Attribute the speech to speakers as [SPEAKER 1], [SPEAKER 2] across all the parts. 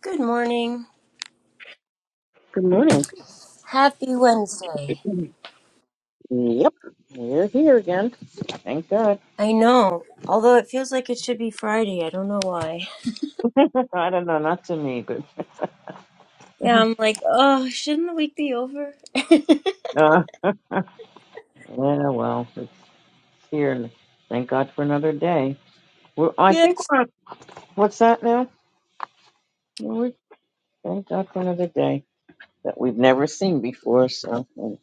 [SPEAKER 1] Good morning.
[SPEAKER 2] Good morning.
[SPEAKER 1] Happy Wednesday.
[SPEAKER 2] Yep, we're here again. Thank God.
[SPEAKER 1] I know, although it feels like it should be Friday. I don't know why.
[SPEAKER 2] I don't know, not to me, but
[SPEAKER 1] Yeah, I'm like, oh, shouldn't the week be over?
[SPEAKER 2] uh, yeah, well, it's here. and Thank God for another day. We're, I think
[SPEAKER 1] Yes.
[SPEAKER 2] we're what's that now? We thank God for another day that we've never seen before. So and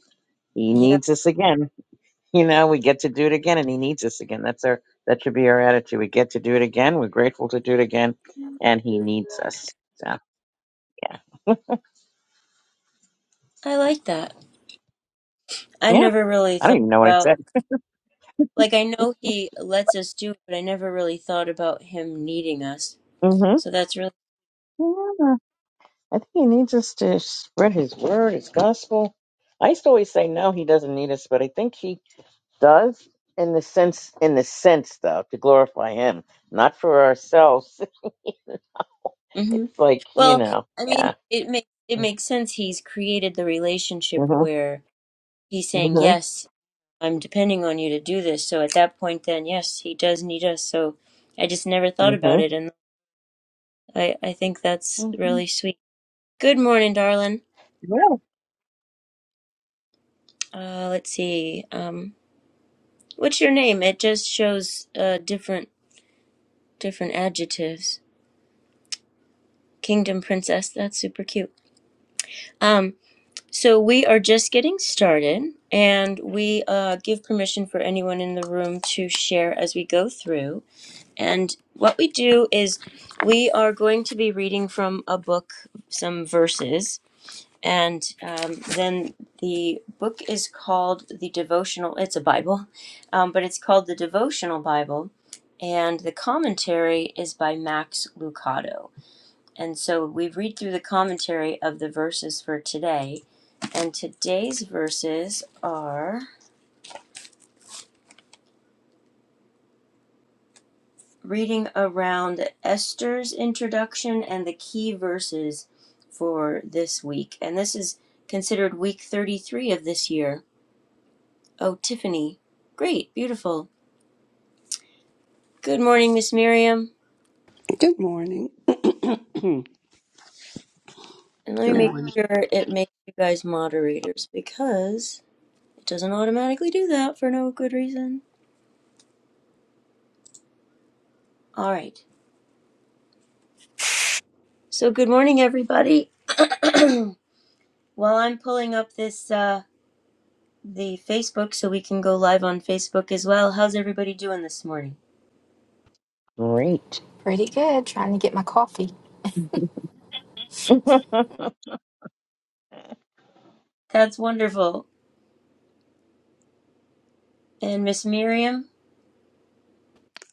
[SPEAKER 2] He
[SPEAKER 1] Yeah,
[SPEAKER 2] needs us again. You know, we get to do it again, and He needs us again. That's our that should be our attitude. We get to do it again. We're grateful to do it again, and He needs us. So
[SPEAKER 1] I like that. I
[SPEAKER 2] yeah,
[SPEAKER 1] never really
[SPEAKER 2] I don't
[SPEAKER 1] thought
[SPEAKER 2] even know what I said.
[SPEAKER 1] about, like, I know he lets us do it, but I never really thought about him needing us. So that's really,
[SPEAKER 2] Mm-hmm. I think he needs us to spread his word, his gospel. I used to always say no, he doesn't need us, but I think he does in the sense in the sense though, to glorify him, not for ourselves.
[SPEAKER 1] hmm
[SPEAKER 2] It's like, you
[SPEAKER 1] well,
[SPEAKER 2] know,
[SPEAKER 1] I mean,
[SPEAKER 2] yeah.
[SPEAKER 1] it makes it makes sense. He's created the relationship
[SPEAKER 2] Mhm.
[SPEAKER 1] where he's saying
[SPEAKER 2] Mhm.
[SPEAKER 1] yes I'm depending on you to do this. So at that point, then, yes, he does need us. So I just never thought about
[SPEAKER 2] Mhm.
[SPEAKER 1] it. And I, I think that's
[SPEAKER 2] Mhm.
[SPEAKER 1] really sweet. Good morning, darling.
[SPEAKER 2] Yeah.
[SPEAKER 1] Uh, let's see. Um, what's your name? It just shows uh, different different adjectives. Kingdom princess. That's super cute. Um, so we are just getting started, and we uh, give permission for anyone in the room to share as we go through. And what we do is we are going to be reading from a book, some verses, and um, then the book is called the Devotional, it's a Bible, um, but it's called the Devotional Bible, and the commentary is by Max Lucado. And so we read through the commentary of the verses for today, and today's verses are. reading around Esther's introduction and the key verses for this week. And this is considered week 33 of this year. Oh, Tiffany. Great. Beautiful. Good morning, Miss Miriam.
[SPEAKER 3] Good morning. Good
[SPEAKER 1] And let me
[SPEAKER 3] Good
[SPEAKER 1] make
[SPEAKER 3] morning.
[SPEAKER 1] sure it makes you guys moderators because it doesn't automatically do that for no good reason. All right. So, good morning, everybody. While I'm pulling up this, uh, the Facebook so we can go live on Facebook as well. How's everybody doing this morning?
[SPEAKER 2] Great.
[SPEAKER 4] Pretty good. Trying to get my coffee.
[SPEAKER 1] That's wonderful. And Miss Miriam,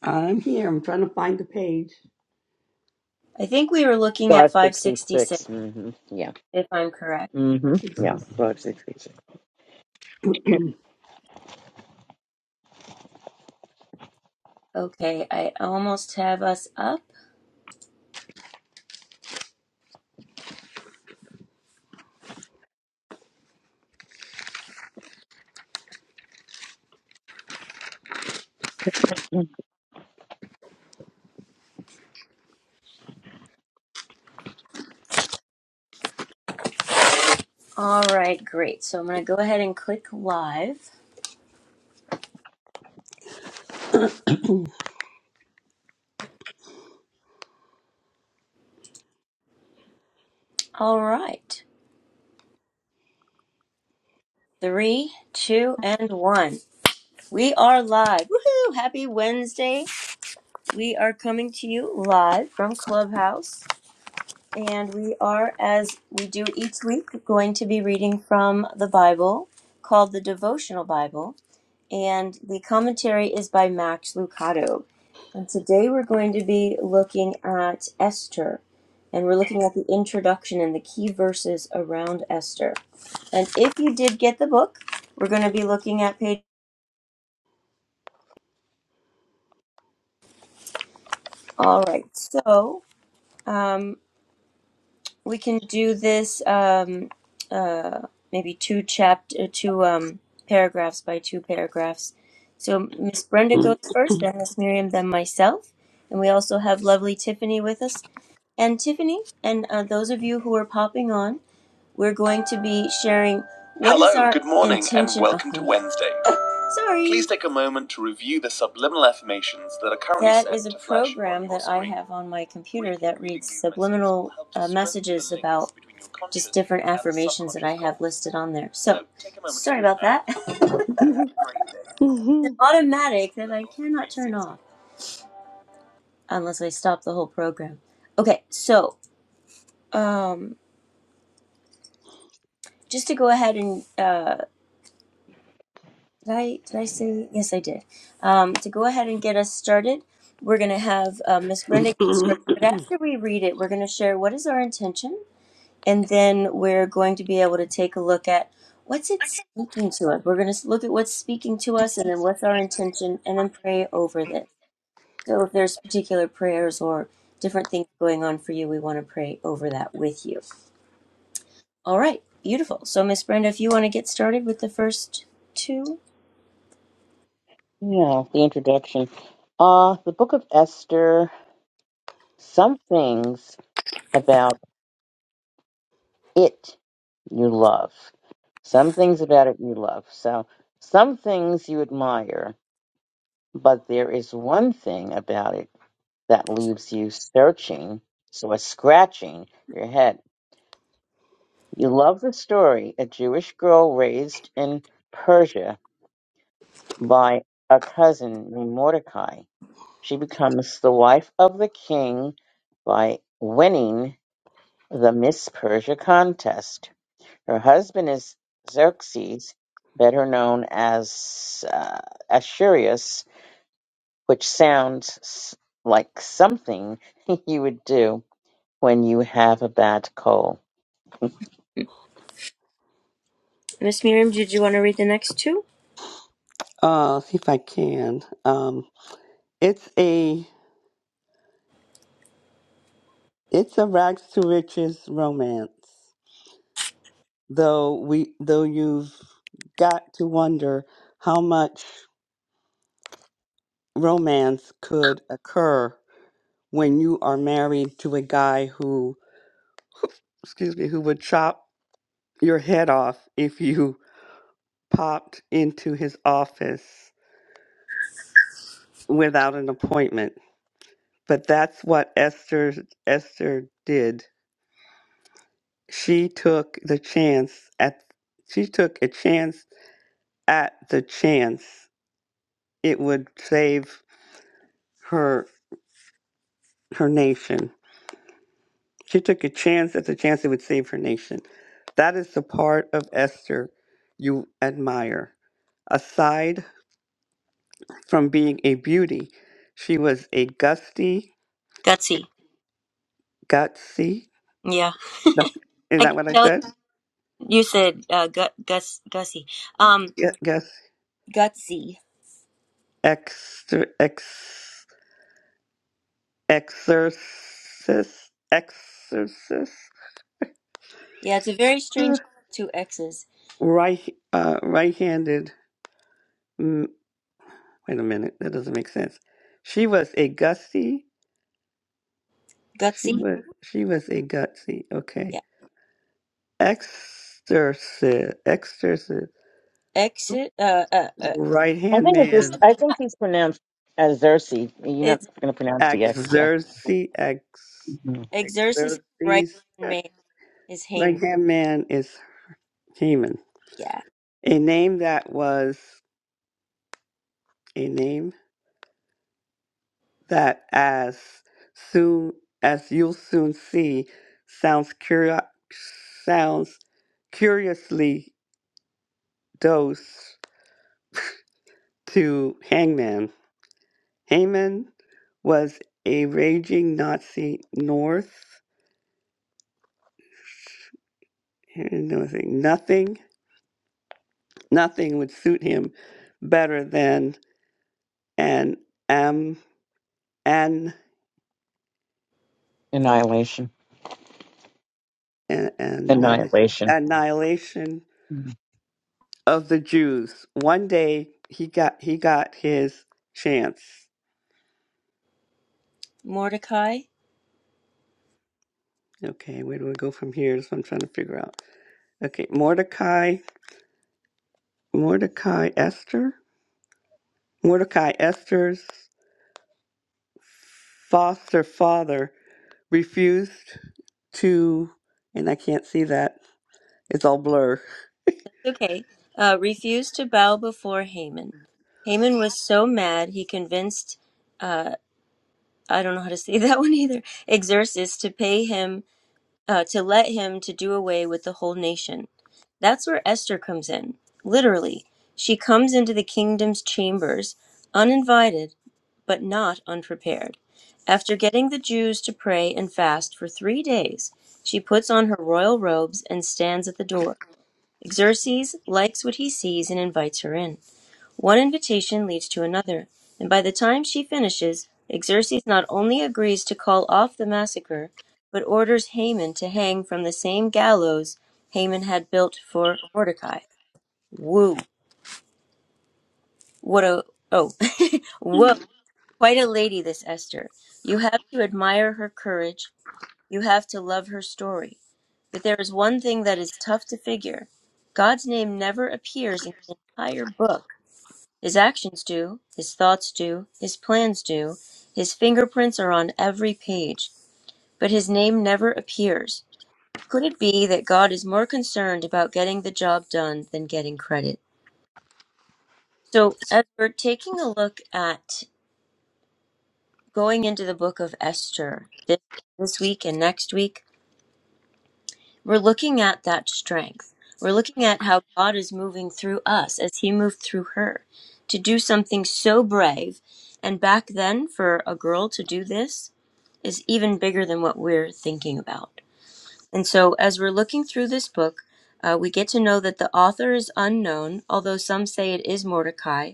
[SPEAKER 3] I'm here. I'm trying to find the page.
[SPEAKER 1] I think we were looking at
[SPEAKER 2] Five sixty
[SPEAKER 1] 566,
[SPEAKER 2] six. Mhm. Yeah.
[SPEAKER 1] if I'm correct.
[SPEAKER 2] Mhm. Yeah.
[SPEAKER 3] 60.
[SPEAKER 2] Five sixty six.
[SPEAKER 1] Okay, I almost have us up.
[SPEAKER 2] Yeah,
[SPEAKER 1] All right, great. So I'm going to go ahead and click live. All right, three, two, and one. We are live. Woohoo! Happy Wednesday. We are coming to you live from Clubhouse. And we are, as we do each week, going to be reading from the Bible called the Devotional Bible. and the commentary is by Max Lucado. And today we're going to be looking at Esther, and we're looking at the introduction and the key verses around Esther. And if you did get the book, we're going to be looking at page. All right, so um, we can do this um, uh, maybe two chapter, uh, two um, paragraphs by two paragraphs. So Miss Brenda goes first, then Miss Miriam, then myself, and we also have lovely Tiffany with us. And Tiffany, and uh, those of you who are popping on, we're going to be sharing. what is Hello, is our good morning, intention- and intention welcome oh, to thank Wednesday. you. Sorry. Please take a moment to review the subliminal affirmations that are currently That set is a to flash on program on your that I screen. have on my computer Reading that reads preview message subliminal messages will help to uh, strengthen messages strengthen the links about between your conscious just different and the affirmations that I subconscious have listed on there. So, So take a moment to sorry to about that. that. It's an automatic that I cannot turn off unless I stop the whole program. Okay, so. um. just to go ahead and uh, did I did I say yes I did um, to go ahead and get us started. We're gonna have uh, Miss Brenda get started, but after we read it, we're gonna share what is our intention, and then we're going to be able to take a look at what's it speaking to us. We're gonna s- look at what's speaking to us, and then what's our intention, and then pray over this. So if there's particular prayers or different things going on for you, we want to pray over that with you. All right, beautiful. So Miss Brenda, if you want to get started with the first two.
[SPEAKER 2] the introduction. Uh the book of Esther, some things about. It you love. Some things about it you love. So some things you admire, but there is one thing about it that leaves you searching, so it's scratching your head. You love the story, a Jewish girl raised in Persia by a cousin named Mordecai. She becomes the wife of the king by winning the Miss Persia contest. Her husband is Xerxes, better known as uh, Ashurius, which sounds s- like something you would do when you have a bad cold.
[SPEAKER 1] Miss Miriam, did you want to read the next two?
[SPEAKER 3] uh, see if I can. Um, it's a it's a rags to riches romance. Though we though you've got to wonder how much romance could occur when you are married to a guy who excuse me who would chop your head off if you popped into his office without an appointment. But that's what Esther Esther did. She took the chance at she took a chance at the chance it would save her her nation. She took a chance at the chance it would save her nation. That is the part of Esther you admire. Aside from being a beauty, she was a gusty,
[SPEAKER 1] Gutsy.
[SPEAKER 3] gutsy,
[SPEAKER 1] Yeah.
[SPEAKER 3] That- Is
[SPEAKER 1] I
[SPEAKER 3] that
[SPEAKER 1] can
[SPEAKER 3] what I
[SPEAKER 1] tell
[SPEAKER 3] said?
[SPEAKER 1] you said uh, gut, guts, gussy. Um,
[SPEAKER 3] Ye- Yes.
[SPEAKER 1] gutsy.
[SPEAKER 3] Exor, ex, exorcist, exorcist,
[SPEAKER 1] Yeah, it's a very strange two X's.
[SPEAKER 3] right, uh, right-handed. Mm, wait a minute, that doesn't make sense. She was a gutsy. She Mhm.
[SPEAKER 1] Gutsy.
[SPEAKER 3] was, she was a gutsy.
[SPEAKER 1] Yeah.
[SPEAKER 3] Okay, exorcist, exorcist,
[SPEAKER 1] Exit. Uh, uh, uh,
[SPEAKER 2] I
[SPEAKER 3] right-hand
[SPEAKER 2] think it's just,
[SPEAKER 3] man,
[SPEAKER 2] I think he's pronounced as Xerxes. You're
[SPEAKER 1] is
[SPEAKER 2] not going to pronounce the X, yeah.
[SPEAKER 3] exorcy, ex,
[SPEAKER 2] Mhm.
[SPEAKER 1] Xerxes' right
[SPEAKER 3] exorcist.
[SPEAKER 1] hand man is Haman.
[SPEAKER 3] Right-hand man is Haman.
[SPEAKER 1] Yeah.
[SPEAKER 3] A name that was a name that, as soon as you'll soon see, sounds curio- sounds curiously dose to Hangman. Haman was a raging Nazi North. Nothing, nothing, nothing would suit him better than an um, an
[SPEAKER 2] Annihilation.
[SPEAKER 3] an, an uh,
[SPEAKER 2] Annihilation.
[SPEAKER 3] annihilation
[SPEAKER 2] Mhm.
[SPEAKER 3] of the Jews. One day he got he got his chance.
[SPEAKER 1] Mordecai.
[SPEAKER 3] Okay, where do we go from here? That's what I'm trying to figure out. Okay, Mordecai, Mordecai Esther, Mordecai Esther's foster father refused to, and I can't see that. It's all blur.
[SPEAKER 1] okay. Uh, refused to bow before Haman. Haman was so mad he convinced. Uh, I don't know how to say that one either. Xerxes to pay him uh, to let him to do away with the whole nation. That's where Esther comes in. Literally, she comes into the kingdom's chambers uninvited, but not unprepared. After getting the Jews to pray and fast for three days, she puts on her royal robes and stands at the door. Xerxes likes what he sees and invites her in. One invitation leads to another, and by the time she finishes, Xerxes not only agrees to call off the massacre, but orders Haman to hang from the same gallows Haman had built for Mordecai. Woo! What a oh, whoa! Quite a lady, this Esther. You have to admire her courage. You have to love her story. But there is one thing that is tough to figure. God's name never appears in the entire book His actions do, his thoughts do, his plans do, his fingerprints are on every page, but his name never appears. Could it be that God is more concerned about getting the job done than getting credit? So, as we're taking a look at going into the book of Esther this, this week and next week, We're looking at that strength. We're looking at how God is moving through us as He moved through her to do something so brave. And back then, for a girl to do this is even bigger than what we're thinking about. And so, as we're looking through this book, uh, we get to know that the author is unknown, although some say it is Mordecai,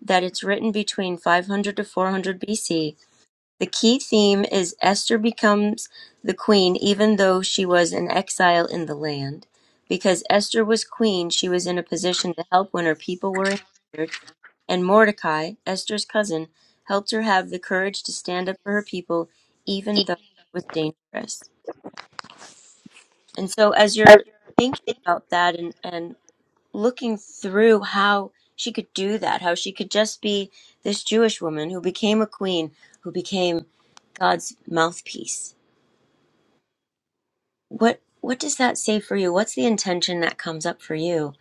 [SPEAKER 1] that it's written between 500 to 400 BC, the key theme is Esther becomes the queen even though she was an exile in the land. Because Esther was queen, she was in a position to help when her people were injured, and Mordecai, Esther's cousin, helped her have the courage to stand up for her people even though it was dangerous. And so as you're thinking about that and, and looking through how she could do that, how she could just be this Jewish woman who became a queen, who became God's mouthpiece what what does that say for you what's the intention that comes up for you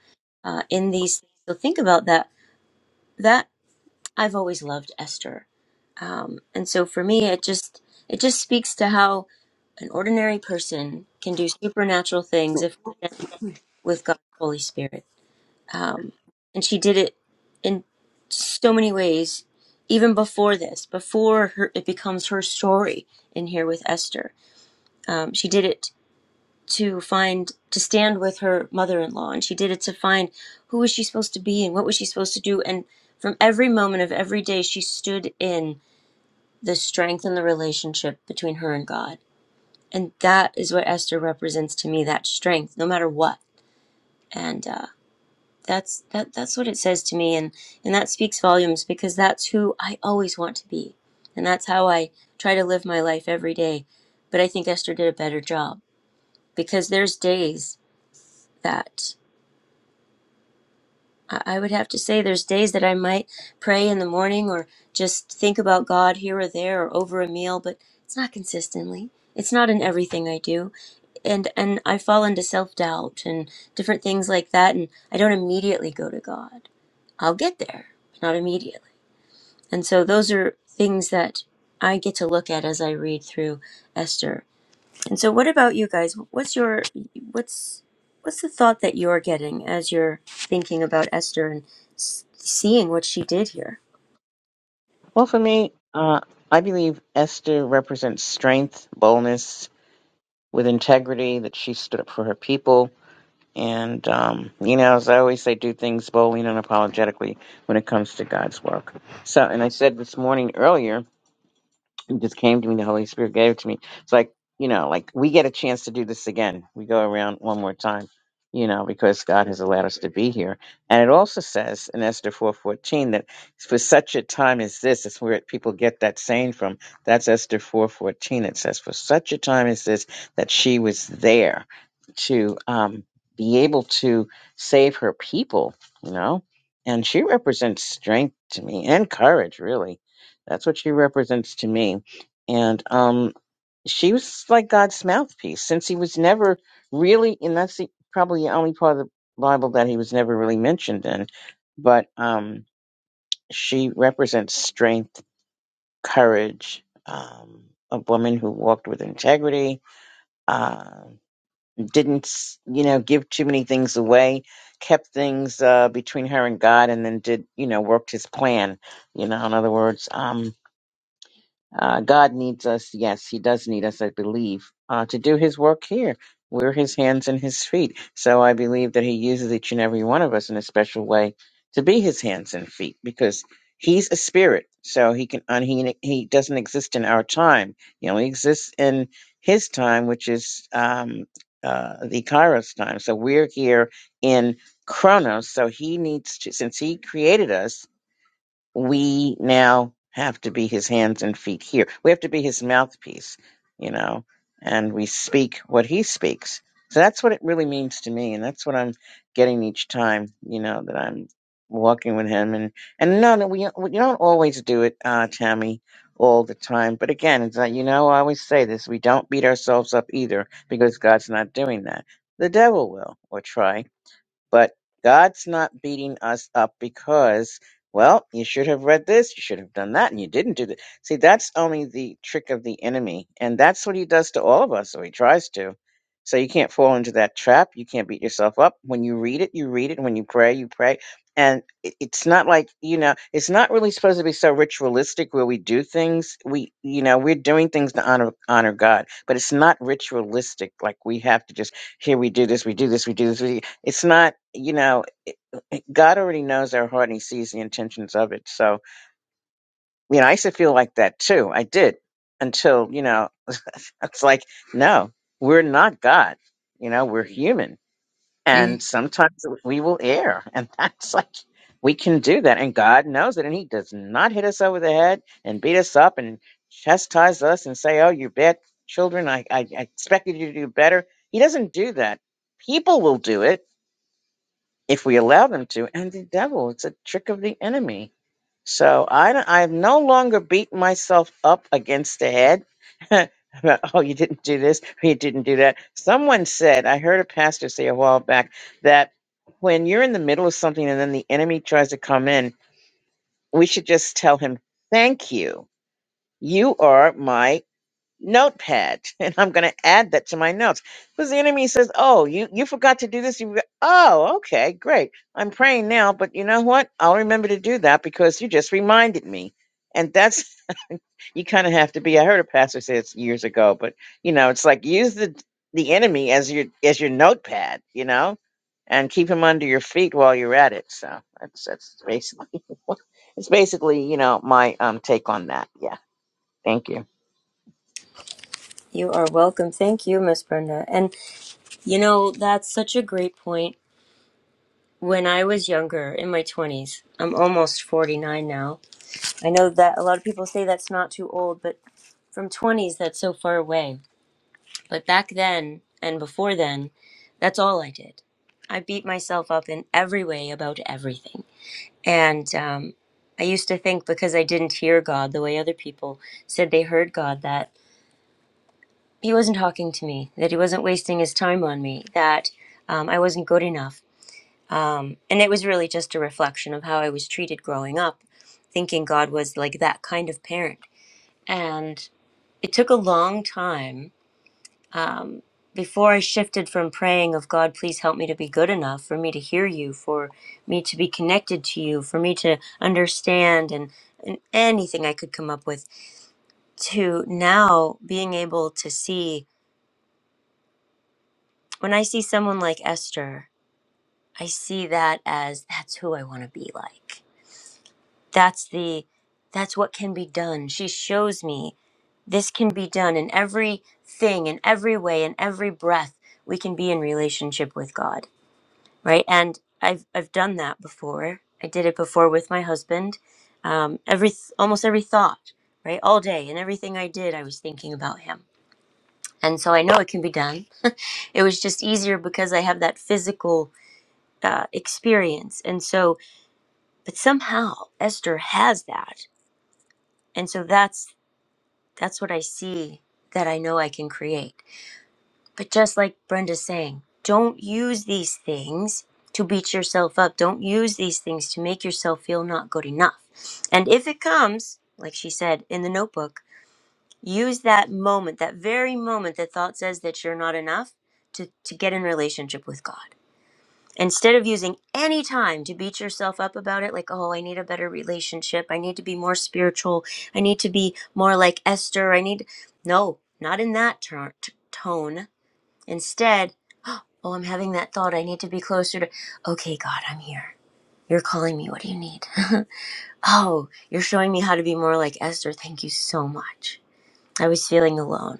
[SPEAKER 1] uh, in these things? so think about that that i've always loved esther um, and so for me it just it just speaks to how an ordinary person can do supernatural things if with god's holy spirit um, and she did it in so many ways even before this before her, it becomes her story in here with esther um, she did it to find to stand with her mother-in-law and she did it to find who was she supposed to be and what was she supposed to do and from every moment of every day she stood in the strength and the relationship between her and god and that is what esther represents to me that strength no matter what and uh, that's that that's what it says to me and and that speaks volumes because that's who i always want to be and that's how i try to live my life every day but i think esther did a better job because there's days that I I would have to say there's days that I might pray in the morning or just think about God here or there or over a meal, but it's not consistently. It's not in everything I do. And and I fall into self-doubt and different things like that and I don't immediately go to God. I'll get there, but not immediately. And so those are things that I get to look at as I read through Esther and so, what about you guys? What's your what's what's the thought that you're getting as you're thinking about Esther and s- seeing what she did here?
[SPEAKER 2] Well, for me, uh, I believe Esther represents strength, boldness, with integrity, that she stood up for her people And, um, you know, as I always say, do things boldly and unapologetically when it comes to God's work. So, and I said this morning earlier, it just came to me. The Holy Spirit gave it to me. It's like, you know, like we get a chance to do this again. We go around one more time, you know, because God has allowed us to be here. And it also says in Esther 4.14 that for such a time as this, it's where people get that saying from. That's Esther 4.14. It says, for such a time as this, that she was there to um, be able to save her people, you know. And she represents strength to me and courage, really that's what she represents to me. And um, she was like God's mouthpiece since he was never really, and that's the, probably the only part of the Bible that he was never really mentioned in. But um, she represents strength, courage, um, a woman who walked with integrity, uh, didn't, s- you know, give too many things away, kept things uh, between her and God, and then did, you know, worked his plan. You know, in other words, um, Uh, God needs us. Yes, He does need us, I believe, uh, to do His work here. We're His hands and His feet. So I believe that He uses each and every one of us in a special way to be His hands and feet because He's a spirit. So He can, un- he, he doesn't exist in our time. He only exists in His time, which is um, uh, the Kairos time. So we're here in Chronos. So He needs to, since He created us, we now have to be his hands and feet here. We have to be his mouthpiece, you know, and we speak what he speaks. So that's what it really means to me, and that's what I'm getting each time, you know, that I'm walking with him. And and no, no, we, we you don't always do it, uh, Tammy, all the time. But again, it's like you know, I always say this: we don't beat ourselves up either, because God's not doing that. The devil will, or try but God's not beating us up because, well, you should have read this, you should have done that, and you didn't do that. See, that's only the trick of the enemy. And that's what he does to all of us, or he tries to. So you can't fall into that trap. You can't beat yourself up. When you read it, you read it. When you pray, you pray. And it- it's not like, you know, it's not really supposed to be so ritualistic where we do things. We, you know, we're doing things to honor honor God, but it's not ritualistic. Like we have to just here we do this, we do this, we do this. It's not, you know, God already knows our heart and He sees the intentions of it. So, you know, I used to feel like that too. I did until, you know, it's like, no, we're not God. You know, we're human.
[SPEAKER 1] Mm.
[SPEAKER 2] And sometimes we will err. And that's like, we can do that. And God knows it. And He does not hit us over the head and beat us up and chastise us and say, oh, you bad children. I, I, I expected you to do better. He doesn't do that. People will do it if we allow them to, and the devil. It's a trick of the enemy. So I don't- I no longer beat myself up against the head. about, oh, you didn't do this, or you didn't do that. Someone said, I heard a pastor say a while back that when you're in the middle of something and then the enemy tries to come in, we should just tell him, Thank you. You are my notepad and I'm going to add that to my notes. Because the enemy says, Oh, you, you forgot to do this. You, forgot- oh, okay, great. I'm praying now, but you know what? I'll remember to do that because you just reminded me. And that's, you kind of have to be. I heard a pastor say this years ago, but you know, it's like use the, the enemy as your, as your notepad, you know, and keep him under your feet while you're at it. So that's, that's basically, what- it's basically, you know, my um, take on that. Yeah. Thank you.
[SPEAKER 1] You are welcome. Thank you, Miss Brenda. And you know that's such a great point. When I was younger, in my twenties, I'm almost forty nine now. I know that a lot of people say that's not too old, but from twenties, that's so far away. But back then and before then, that's all I did. I beat myself up in every way about everything And um, I used to think because I didn't hear God the way other people said they heard God, that He wasn't talking to me, that He wasn't wasting His time on me, that um, I wasn't good enough. Um, and it was really just a reflection of how I was treated growing up, thinking God was like that kind of parent. And it took a long time um, before I shifted from praying of God, please help me to be good enough for me to hear you, for me to be connected to you, for me to understand and, and anything I could come up with, to now being able to see when I see someone like Esther, I see that as that's who I want to be like. That's the that's what can be done. She shows me this can be done in every thing, in every way, in every breath. We can be in relationship with God right? And I've I've done that before. I did it before with my husband. Um, every almost every thought, right, all day, and everything I did, I was thinking about him. And so I know it can be done. It was just easier because I have that physical uh, experience. And so, but somehow Esther has that, and so that's that's what I see that I know I can create. But just like Brenda's saying, don't use these things to beat yourself up. Don't use these things to make yourself feel not good enough. And if it comes, like she said in the notebook, use that moment, that very moment that thought says that you're not enough to, to get in relationship with God. Instead of using any time to beat yourself up about it, like, oh, I need a better relationship. I need to be more spiritual. I need to be more like Esther. I need. No, not in that ter- t- tone. Instead, Oh, I'm having that thought. I need to be closer to. Okay, God, I'm here. You're calling me. What do you need? oh, you're showing me how to be more like Esther. Thank you so much. I was feeling alone.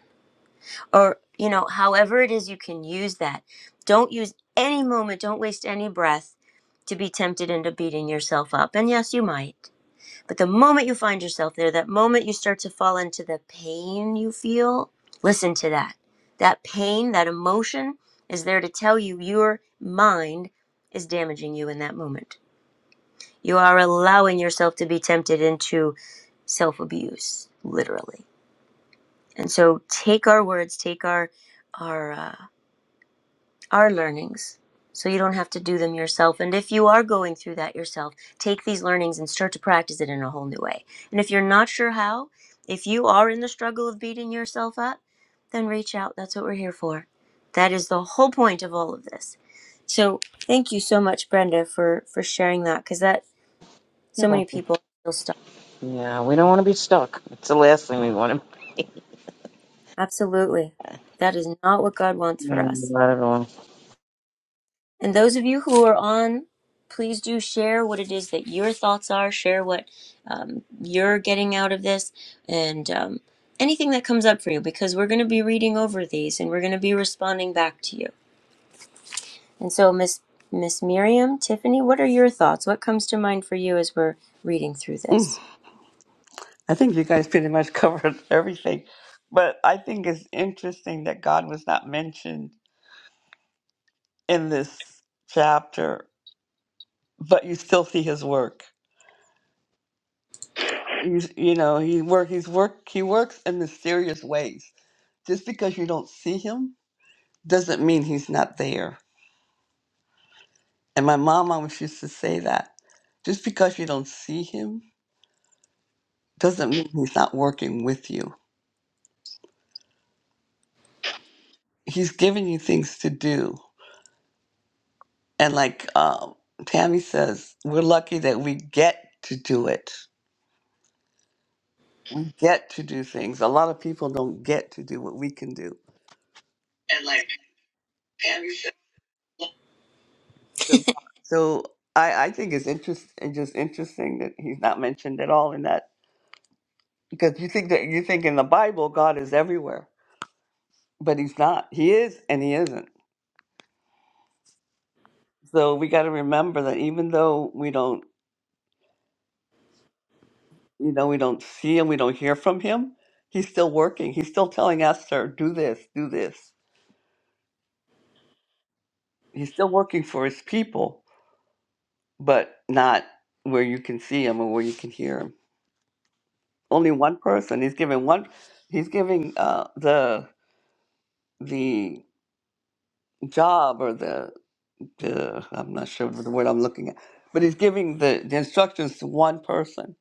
[SPEAKER 1] Or, you know, however it is you can use that. Don't use any moment, don't waste any breath to be tempted into beating yourself up. And yes, you might. But the moment you find yourself there, that moment you start to fall into the pain you feel, listen to that. That pain, that emotion is there to tell you your mind is damaging you in that moment. You are allowing yourself to be tempted into self abuse, literally. And so take our words, take our, our, uh, are learnings so you don't have to do them yourself and if you are going through that yourself take these learnings and start to practice it in a whole new way and if you're not sure how if you are in the struggle of beating yourself up then reach out that's what we're here for that is the whole point of all of this so thank you so much brenda for for sharing that because that so many people feel stuck
[SPEAKER 2] Yeah, we don't want to be stuck. It's the last thing we want to
[SPEAKER 1] absolutely that is not what god wants
[SPEAKER 2] be.
[SPEAKER 1] for us
[SPEAKER 2] Not at all.
[SPEAKER 1] And those of you who are on, please do share what it is that your thoughts are, share what um, you're getting out of this, and um, anything that comes up for you, because we're going to be reading over these and we're going to be responding back to you. And so, Miss Miss Miriam, Tiffany, what are your thoughts? What comes to mind for you as we're reading through
[SPEAKER 3] Mm,
[SPEAKER 1] this?
[SPEAKER 3] I think you guys pretty much covered everything, but I think it's interesting that God was not mentioned in this chapter, but you still see His work He's, you know, he work, he's work, he works in mysterious ways. Just because you don't see him doesn't mean he's not there. And my mom always used to say that. Just because you don't see him doesn't mean he's not working with you. He's giving you things to do. And like um, Tammy says, we're lucky that we get to do it, get to do things. A lot of people don't get to do what we can do.
[SPEAKER 1] And like Patty said,
[SPEAKER 3] So, so I, I think it's interest, it's just interesting that he's not mentioned at all in that because you think that you think in the Bible God is everywhere, but he's not. He is and he isn't. So we got to remember that even though we don't, you know, we don't see him, we don't hear from him, he's still working. He's still telling us to do this, do this. He's still working for his people, but not where you can see him or where you can hear him. Only one person. He's giving one. He's giving uh, the the job or the, the I'm not sure of the word I'm looking at, but he's giving the, the instructions to one person,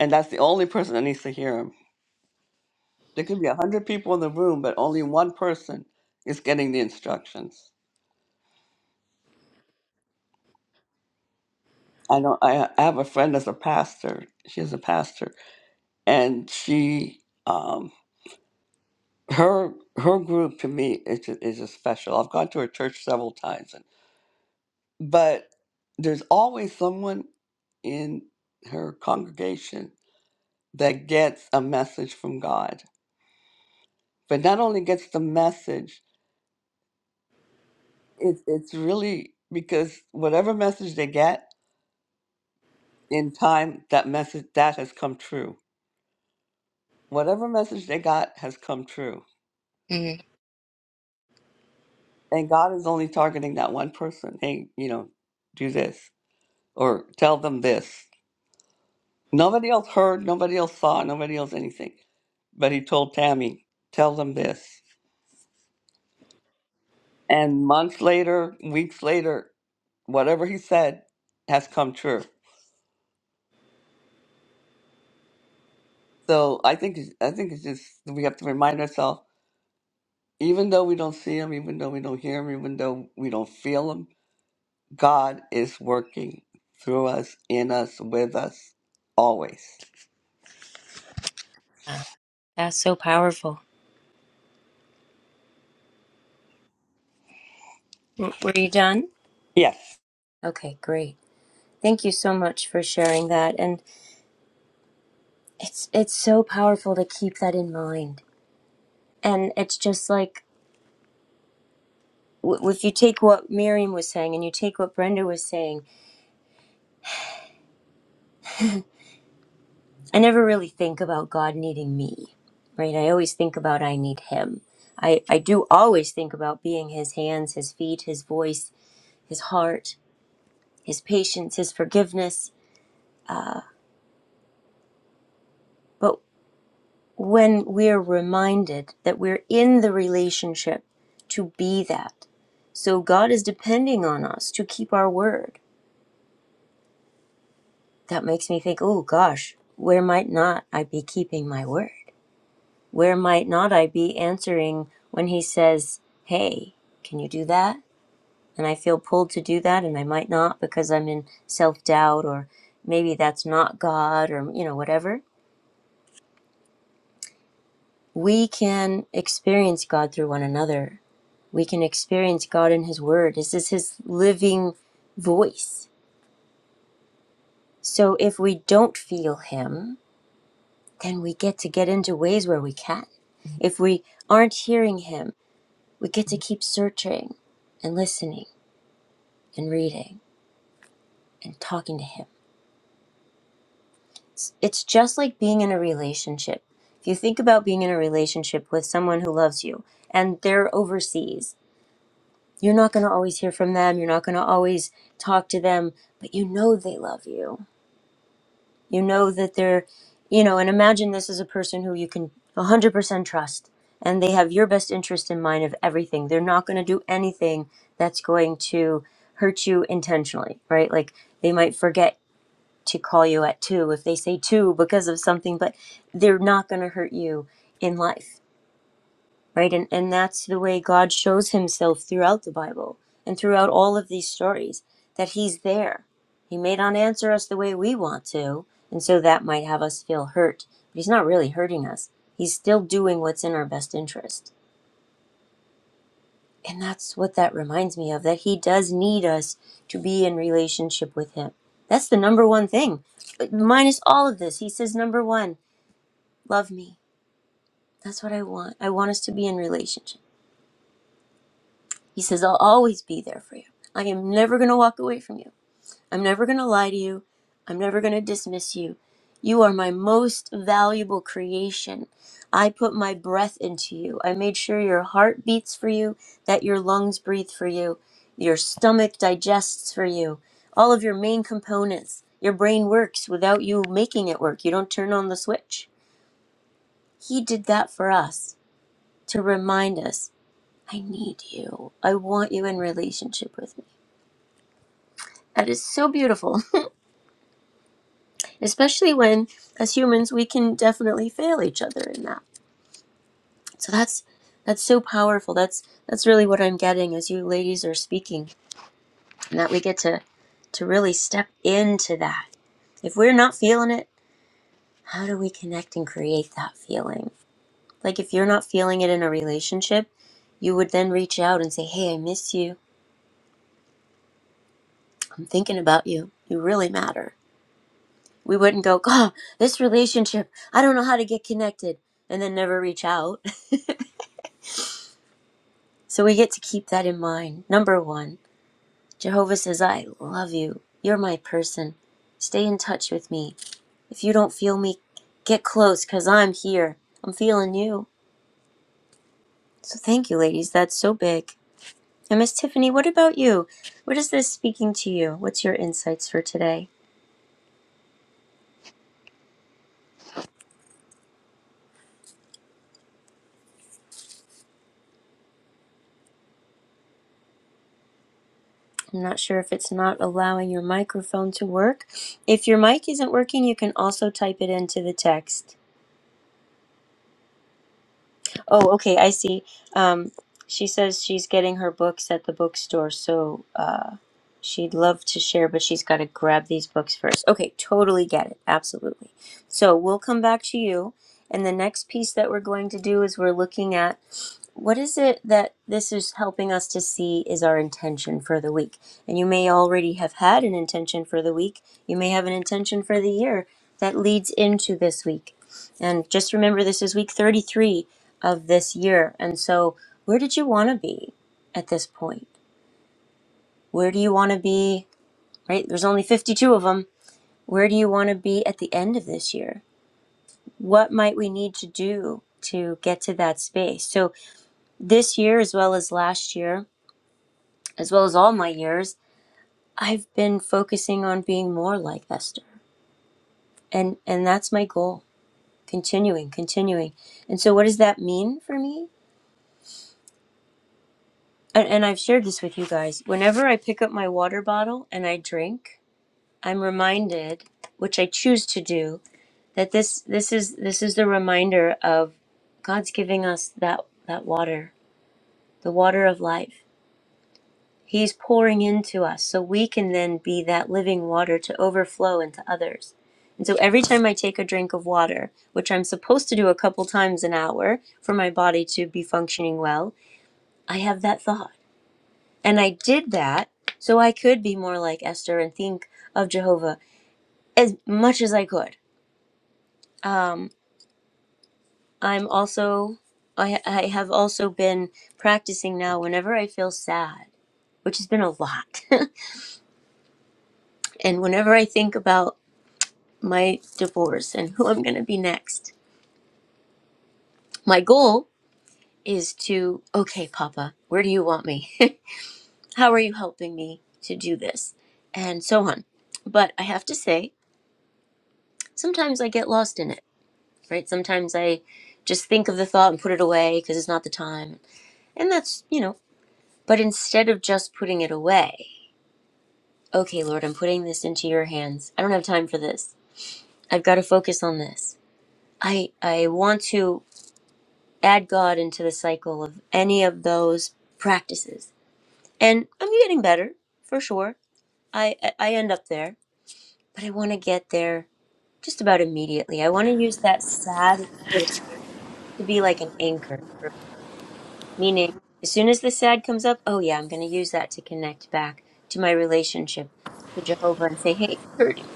[SPEAKER 3] and that's the only person that needs to hear him. There could be a hundred people in the room, but only one person is getting the instructions. I know I, I have a friend that's a pastor. She is a pastor, and she um her her group to me is ju- is just special. I've gone to her church several times, and but there's always someone in her congregation that gets a message from God. But not only gets the message, It's it's really because whatever message they get in time, that message that has come true. Whatever message they got has come true.
[SPEAKER 1] Mm,
[SPEAKER 3] And God is only targeting that one person. Hey, you know, do this or tell them this. Nobody else heard, nobody else saw, nobody else anything. But he told Tammy, tell them this. And months later, weeks later, whatever he said has come true So I think it's- I think it's just we have to remind ourselves, even though we don't see him, even though we don't hear him, even though we don't feel him, God is working through us, in us, with us, always.
[SPEAKER 1] yeah, that's so powerful. W- Were you done?
[SPEAKER 3] Yes.
[SPEAKER 1] Okay, great. Thank you so much for sharing that. and. it's it's so powerful to keep that in mind and it's just like w- if you take what miriam was saying and you take what brenda was saying i never really think about god needing me right i always think about i need him i i do always think about being his hands his feet his voice his heart his patience his forgiveness but when we're reminded that we're in the relationship to be that so god is depending on us to keep our word that makes me think, oh gosh, where might not I be keeping my word? Where might not I be answering when he says, hey, can you do that? And I feel pulled to do that, and I might not because I'm in self doubt, or maybe that's not God, or you know, whatever. We can experience God through one another. We can experience God in His Word. This is His living voice. So if we don't feel Him, then we get to get into ways where we can. If we aren't hearing Him, we get to keep searching and listening and reading and talking to Him. It's it's just like being in a relationship. If you think about being in a relationship with someone who loves you and they're overseas, you're not going to always hear from them, you're not going to always talk to them, but you know they love you You know that they're, you know, and imagine this is a person who you can 100% trust and they have your best interest in mind of everything. They're not going to do anything that's going to hurt you intentionally, right? Like they might forget to call you at two if they say two because of something, but they're not going to hurt you in life right? And and that's the way God shows Himself throughout the Bible and throughout all of these stories that He's there. He may not answer us the way we want to, and so that might have us feel hurt. But He's not really hurting us. He's still doing what's in our best interest. And that's what that reminds me of that He does need us to be in relationship with Him. That's the number one thing. Minus all of this, He says, number one, love me. That's what I want. I want us to be in relationship. He says, I'll always be there for you. I am never going to walk away from you. I'm never going to lie to you. I'm never going to dismiss you. You are my most valuable creation. I put my breath into you. I made sure your heart beats for you, that your lungs breathe for you, your stomach digests for you, all of your main components. Your brain works without you making it work. You don't turn on the switch. He did that for us to remind us I need you. I want you in relationship with me. That is so beautiful, especially when, as humans, we can definitely fail each other in that. So that's that's so powerful. That's that's really what I'm getting as you ladies are speaking, and that we get to to really step into that. If we're not feeling it, how do we connect and create that feeling? Like if you're not feeling it in a relationship, you would then reach out and say, "Hey, I miss you. I'm thinking about you. You really matter." We wouldn't go, oh, this relationship, I don't know how to get connected, and then never reach out. So we get to keep that in mind. Number one, Jehovah says, I love you. You're my person. Stay in touch with me. If you don't feel me, get close because I'm here. I'm feeling you. So thank you, ladies. That's so big. And Miss Tiffany, what about you? What is this speaking to you? What's your insights for today? I'm not sure if it's not allowing your microphone to work. If your mic isn't working, you can also type it into the text. Oh, okay, I see. Um, she says she's getting her books at the bookstore, so uh, she'd love to share, but she's got to grab these books first. Okay, totally get it. Absolutely. So we'll come back to you. And the next piece that we're going to do is we're looking at What is it that this is helping us to see is our intention for the week? And you may already have had an intention for the week. You may have an intention for the year that leads into this week. And just remember, this is week 33 of this year. And so, where did you want to be at this point? Where do you want to be? Right? There's only 52 of them. Where do you want to be at the end of this year? What might we need to do to get to that space? So, this year, as well as last year, as well as all my years, I've been focusing on being more like Esther. And and that's my goal. Continuing, continuing. And so what does that mean for me? And, and I've shared this with you guys. Whenever I pick up my water bottle and I drink, I'm reminded, which I choose to do, that this this is this is the reminder of God's giving us that that water, the water of life. He's pouring into us so we can then be that living water to overflow into others. And so every time I take a drink of water, which I'm supposed to do a couple times an hour for my body to be functioning well, I have that thought. And I did that so I could be more like Esther and think of Jehovah as much as I could. Um, I'm also, I, I have also been practicing now whenever I feel sad, which has been a lot. and whenever I think about my divorce and who I'm going to be next. My goal is to, okay, Papa, where do you want me? How are you helping me to do this? And so on. But I have to say, sometimes I get lost in it, right? Sometimes I just think of the thought and put it away because it's not the time. And that's, you know, but instead of just putting it away, okay, Lord, I'm putting this into your hands. I don't have time for this. I've got to focus on this. I, I want to add God into the cycle of any of those practices. And I'm getting better for sure. I I I end up there, but I want to get there just about immediately. I want to use that sad experience to be like an anchor, for me. meaning as soon as the sad comes up, oh yeah, I'm going to use that to connect back to my relationship to Jehovah and say, "Hey, you're hurting,"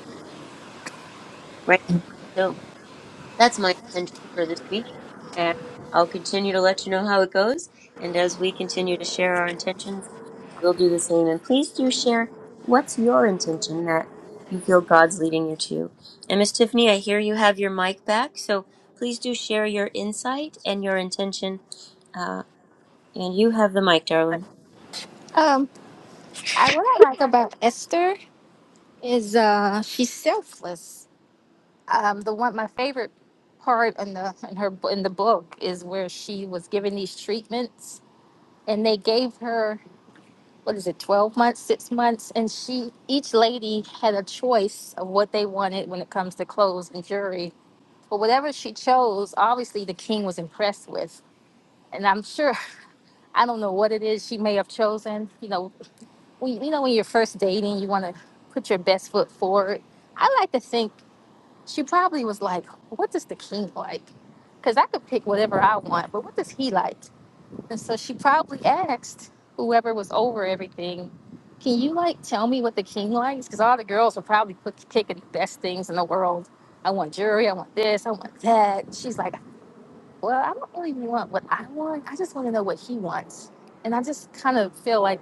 [SPEAKER 1] right? So that's my intention for this week, and I'll continue to let you know how it goes. And as we continue to share our intentions We'll do the same. And please do share what's your intention that you feel God's leading you to. And Miss Tiffany, I hear you have your mic back. So please do share your insight and your intention. Uh, and you have the mic, darling.
[SPEAKER 4] Um, I, what I like about Esther is uh, she's selfless. Um, the one my favorite part in the in her in the book is where she was given these treatments, and they gave her what is it, twelve months, six months, and she each lady had a choice of what they wanted when it comes to clothes and jewelry. But whatever she chose, obviously the king was impressed with, and I'm sure I don't know what it is she may have chosen. You know, when you know when you're first dating, you want to put your best foot forward. I like to think she probably was like, "What does the king like?" Because I could pick whatever I want, but what does he like? And so she probably asked whoever was over everything, "Can you like tell me what the king likes?" Because all the girls were probably put, picking the best things in the world. I want jewelry. I want this. I want that. She's like, "Well, I don't really want what I want. I just want to know what he wants." And I just kind of feel like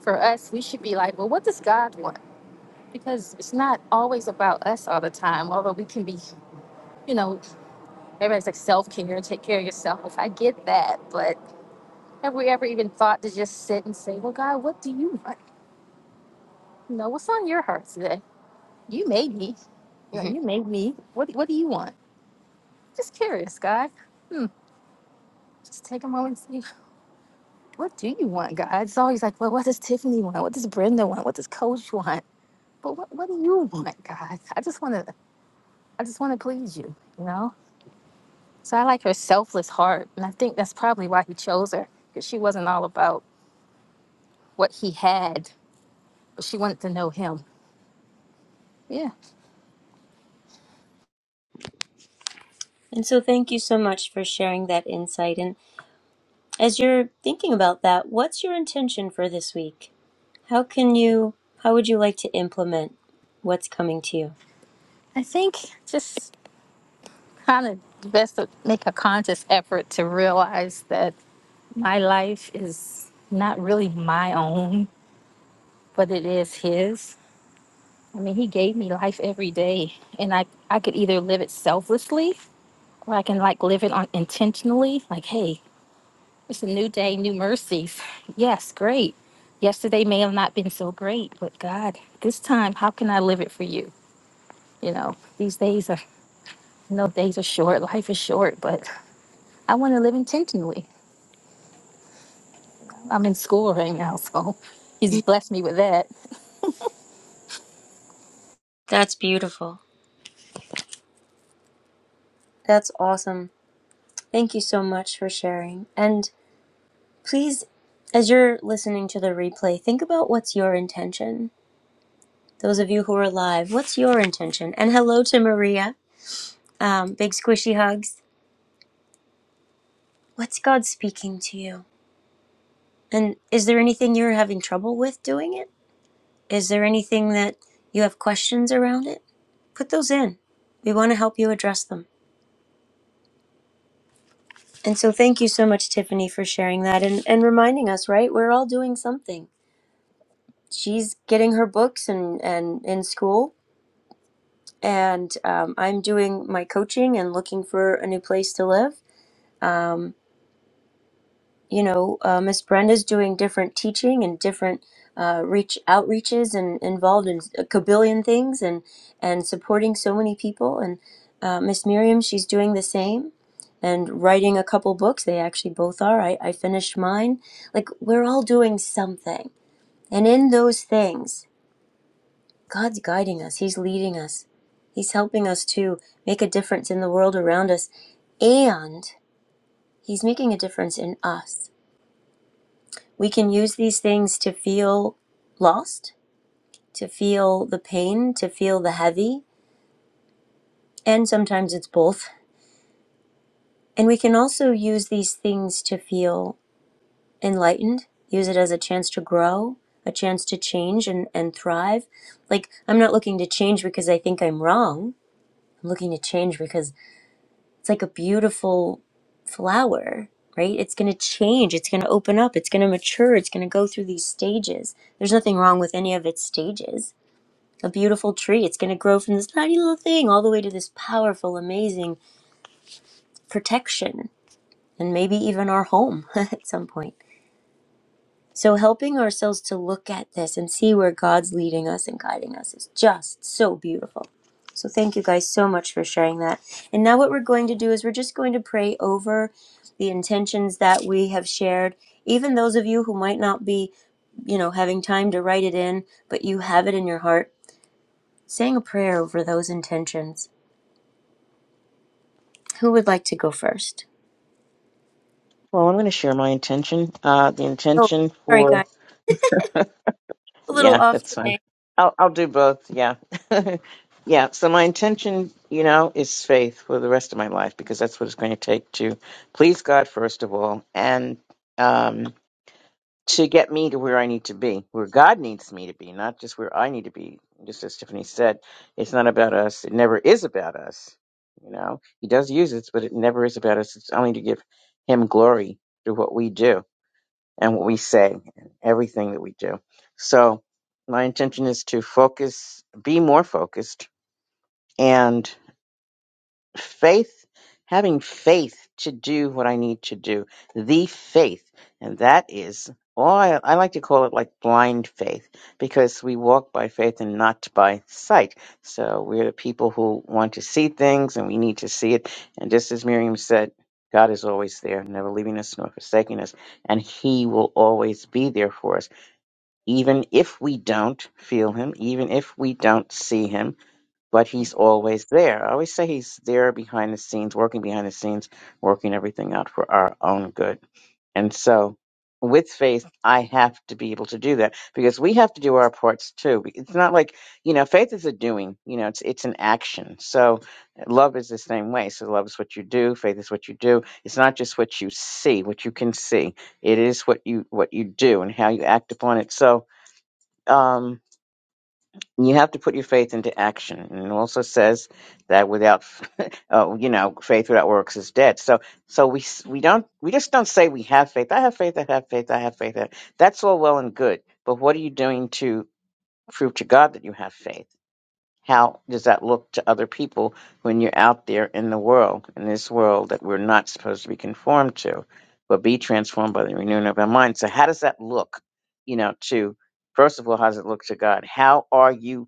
[SPEAKER 4] for us, we should be like, well, what does God want? Because it's not always about us all the time, although we can be, you know, everybody's like self care, take care of yourself. I get that. But have we ever even thought to just sit and say, well, God, what do you want? You know, what's on your heart today? You made me. You, know,
[SPEAKER 1] Mhm.
[SPEAKER 4] you made me. What, what do you want? Just curious, God. Hmm. Just take a moment and see, what do you want, God? It's always like, well, what does Tiffany want? What does Brenda want? What does Coach want? But what, what do you want, God? I just want to I just want to please you, you know? So I like her selfless heart. And I think that's probably why he chose her, because she wasn't all about what he had, but she wanted to know him. Yeah.
[SPEAKER 1] And so thank you so much for sharing that insight. And as you're thinking about that, what's your intention for this week? How can you, how would you like to implement what's coming to you?
[SPEAKER 4] I think just kind of best to make a conscious effort to realize that my life is not really my own, but it is his. I mean, he gave me life every day, and I, I could either live it selflessly or I can like live it on intentionally. Like, hey, It's a new day, new mercies. Yes, great. Yesterday may have not been so great, but God, this time, how can I live it for you? You know, these days are, you know, days are short, life is short, but I want to live intentionally. I'm in school right now, so He's blessed me with that.
[SPEAKER 1] That's beautiful. That's awesome. Thank you so much for sharing. And Please, as you're listening to the replay, think about what's your intention. Those of you who are live, what's your intention? And hello to Maria. Um, big squishy hugs. What's God speaking to you? And is there anything you're having trouble with doing it? Is there anything that you have questions around it? Put those in. We want to help you address them. And so thank you so much, Tiffany, for sharing that and, and reminding us, right? We're all doing something. She's getting her books and, and in school and um, I'm doing my coaching and looking for a new place to live. Um, you know, uh, Miss Brenda's doing different teaching and different uh, reach outreaches and involved in a kabillion things and and supporting so many people. And uh, Miss Miriam, she's doing the same and writing a couple books. They actually both are. I, I finished mine. Like we're all doing something, and in those things. God's guiding us, He's leading us, He's helping us to make a difference in the world around us, and He's making a difference in us. We can use these things to feel lost, to feel the pain, to feel the heavy, and sometimes it's both. And we can also use these things to feel enlightened, use it as a chance to grow, a chance to change and, and thrive. Like, I'm not looking to change because I think I'm wrong. I'm looking to change because It's like a beautiful flower, right? It's going to change, it's going to open up, it's going to mature, it's going to go through these stages. There's nothing wrong with any of its stages. A beautiful tree, it's going to grow from this tiny little thing all the way to this powerful, amazing protection and maybe even our home at some point. So, helping ourselves to look at this and see where God's leading us and guiding us is just so beautiful. So, thank you guys so much for sharing that. And now, what we're going to do is we're just going to pray over the intentions that we have shared. Even those of you who might not be, you know, having time to write it in, but you have it in your heart, saying a prayer over those intentions. Who would like to go first?
[SPEAKER 2] Well, I'm going to share my intention. Uh, the
[SPEAKER 1] Oh,
[SPEAKER 2] intention
[SPEAKER 1] sorry,
[SPEAKER 2] for
[SPEAKER 1] guys. A little
[SPEAKER 2] yeah,
[SPEAKER 1] off
[SPEAKER 2] that's fine.
[SPEAKER 1] today.
[SPEAKER 2] I'll I'll do both. Yeah, yeah. So my intention, you know, is faith for the rest of my life because that's what it's going to take to please God first of all, and um to get me to where I need to be, where God needs me to be, not just where I need to be. Just as Tiffany said, it's not about us. It never is about us. You know, He does use us, but it never is about us. It's only to give Him glory through what we do and what we say and everything that we do. So my intention is to focus, be more focused, faith, having faith to do what I need to do, the faith. And that is, all I, I like to call it like blind faith because we walk by faith and not by sight. So we're the people who want to see things and we need to see it. And just as Miriam said, God is always there, never leaving us nor forsaking us. And He will always be there for us, even if we don't feel Him, even if we don't see Him but he's always there. I always say he's there behind the scenes, working behind the scenes, working everything out for our own good. And so, with faith, I have to be able to do that because we have to do our parts too. It's not like you know, faith is a doing. You know, it's it's an action. So, love is the same way. So, love is what you do. Faith is what you do. It's not just what you see, what you can see. It is what you what you do and how you act upon it. So. um you have to put your faith into action. And it also says that without, oh, you know, faith without works is dead. So, so we s- we don't we just don't say we have faith. I have faith. I have faith. I have faith. I- That's all well and good, but what are you doing to prove to God that you have faith? How does that look to other people when you're out there in the world, in this world that we're not supposed to be conformed to, but be transformed by the renewing of our mind? So, how does that look, you know, to, first of all, how does it look to God? How are you?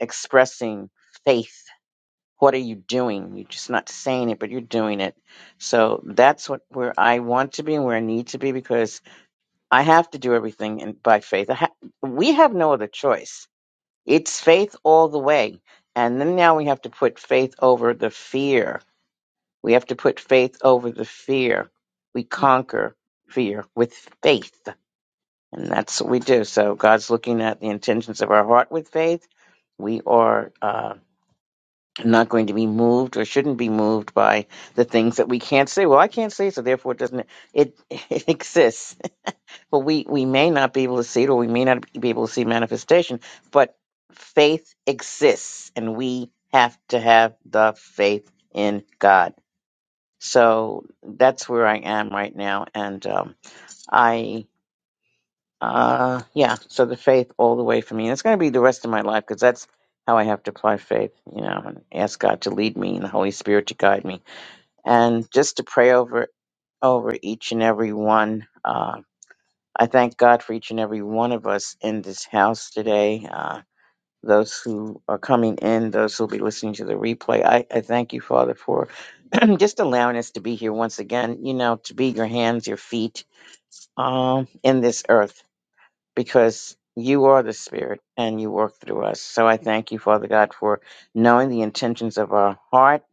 [SPEAKER 2] expressing faith. What are you doing? You're just not saying it, but you're doing it. So that's what where I want to be and where I need to be because I have to do everything in, by faith. I ha- we have no other choice. It's faith all the way, and then now we have to put faith over the fear. We have to put faith over the fear. We
[SPEAKER 1] Mhm.
[SPEAKER 2] conquer fear with faith, and that's what we do. So God's looking at the intentions of our heart with faith. We are. Uh, not going to be moved or shouldn't be moved by the things that we can't see. Well, I can't see, so therefore it doesn't it it exists. But we we may not be able to see it, or we may not be able to see manifestation. But faith exists, and we have to have the faith in God. So that's where I am right now, and um, I. Uh, yeah. So the faith all the way for me. And it's going to be the rest of my life because that's how I have to apply faith, you know, and ask God to lead me and the Holy Spirit to guide me. And just to pray over, over each and every one. Uh, I thank God for each and every one of us in this house today. Uh, those who are coming in, those who will be listening to the replay. I, I thank you, Father, for just allowing us to be here once again, you know, to be your hands, your feet, um, in this earth because you are the Spirit and you work through us. So I thank you, Father God, for knowing the intentions of our heart,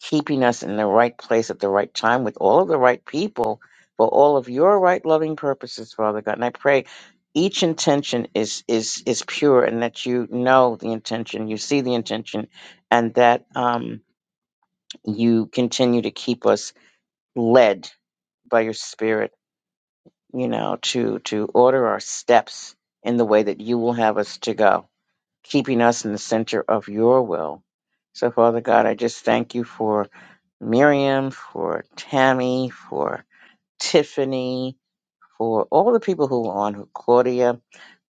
[SPEAKER 2] keeping us in the right place at the right time with all of the right people for all of your right loving purposes, Father God. And I pray each intention is is is pure and that you know the intention, you see the intention, and that um, you continue to keep us led by your Spirit you know, to to order our steps in the way that you will have us to go, keeping us in the center of your will. So, Father God, I just thank you for Miriam, for Tammy, for Tiffany, for all the people who are on, Claudia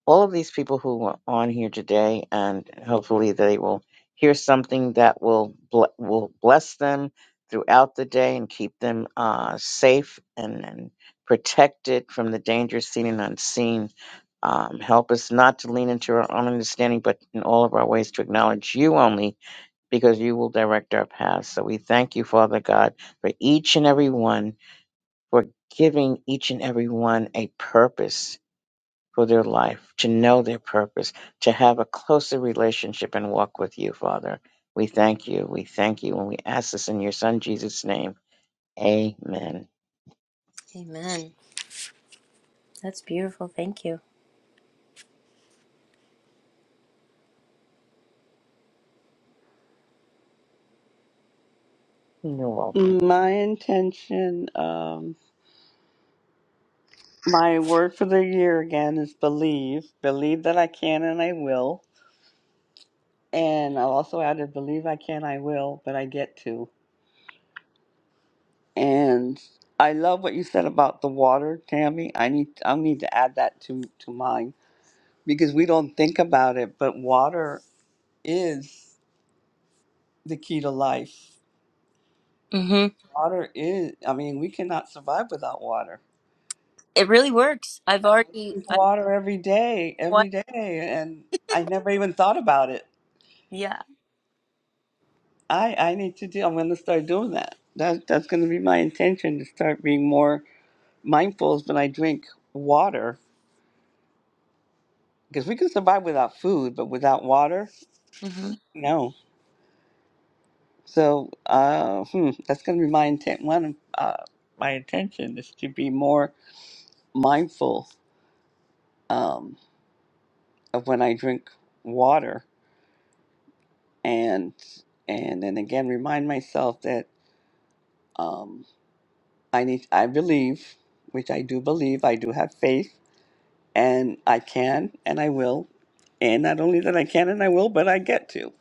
[SPEAKER 2] all of these people who are on here today, and hopefully they will hear something that will ble- will bless them throughout the day and keep them uh, safe and, and protected from the dangers seen and unseen. Um, help us not to lean into our own understanding, but in all of our ways to acknowledge you only, because you will direct our paths. So we thank you, Father God, for each and every one, for giving each and every one a purpose for their life, to know their purpose, to have a closer relationship and walk with you, Father. We thank you. We thank you. And we ask this in your Son, Jesus' name. Amen.
[SPEAKER 1] Amen. That's beautiful. Thank you.
[SPEAKER 2] You're welcome.
[SPEAKER 3] My intention, um, my word for the year again is believe. Believe that I can and I will. And I'll also add, believe I can, I will, but I get to. And I love what you said about the water, Tammy. I need I need to add that to to mine because we don't think about it, but water is the key to life.
[SPEAKER 1] hmm
[SPEAKER 3] Water is I mean, we cannot survive without water.
[SPEAKER 1] It really works. I've
[SPEAKER 3] I
[SPEAKER 1] already,
[SPEAKER 3] drink
[SPEAKER 1] I've
[SPEAKER 3] water every day,
[SPEAKER 1] quite,
[SPEAKER 3] every day, and I never even thought about it.
[SPEAKER 1] yeah.
[SPEAKER 3] I I need to do I'm going to start doing that. That that's going to be my intention to start being more mindful when I drink water because we can survive without food, but without water,
[SPEAKER 1] hmm
[SPEAKER 3] no. So uh, hmm, that's going to be my intent. One of uh, my intention is to be more mindful um, of when I drink water, and and then again remind myself that um, I need. I believe, which I do believe. I do have faith, and I can, and I will, and not only that I can and I will, but I get to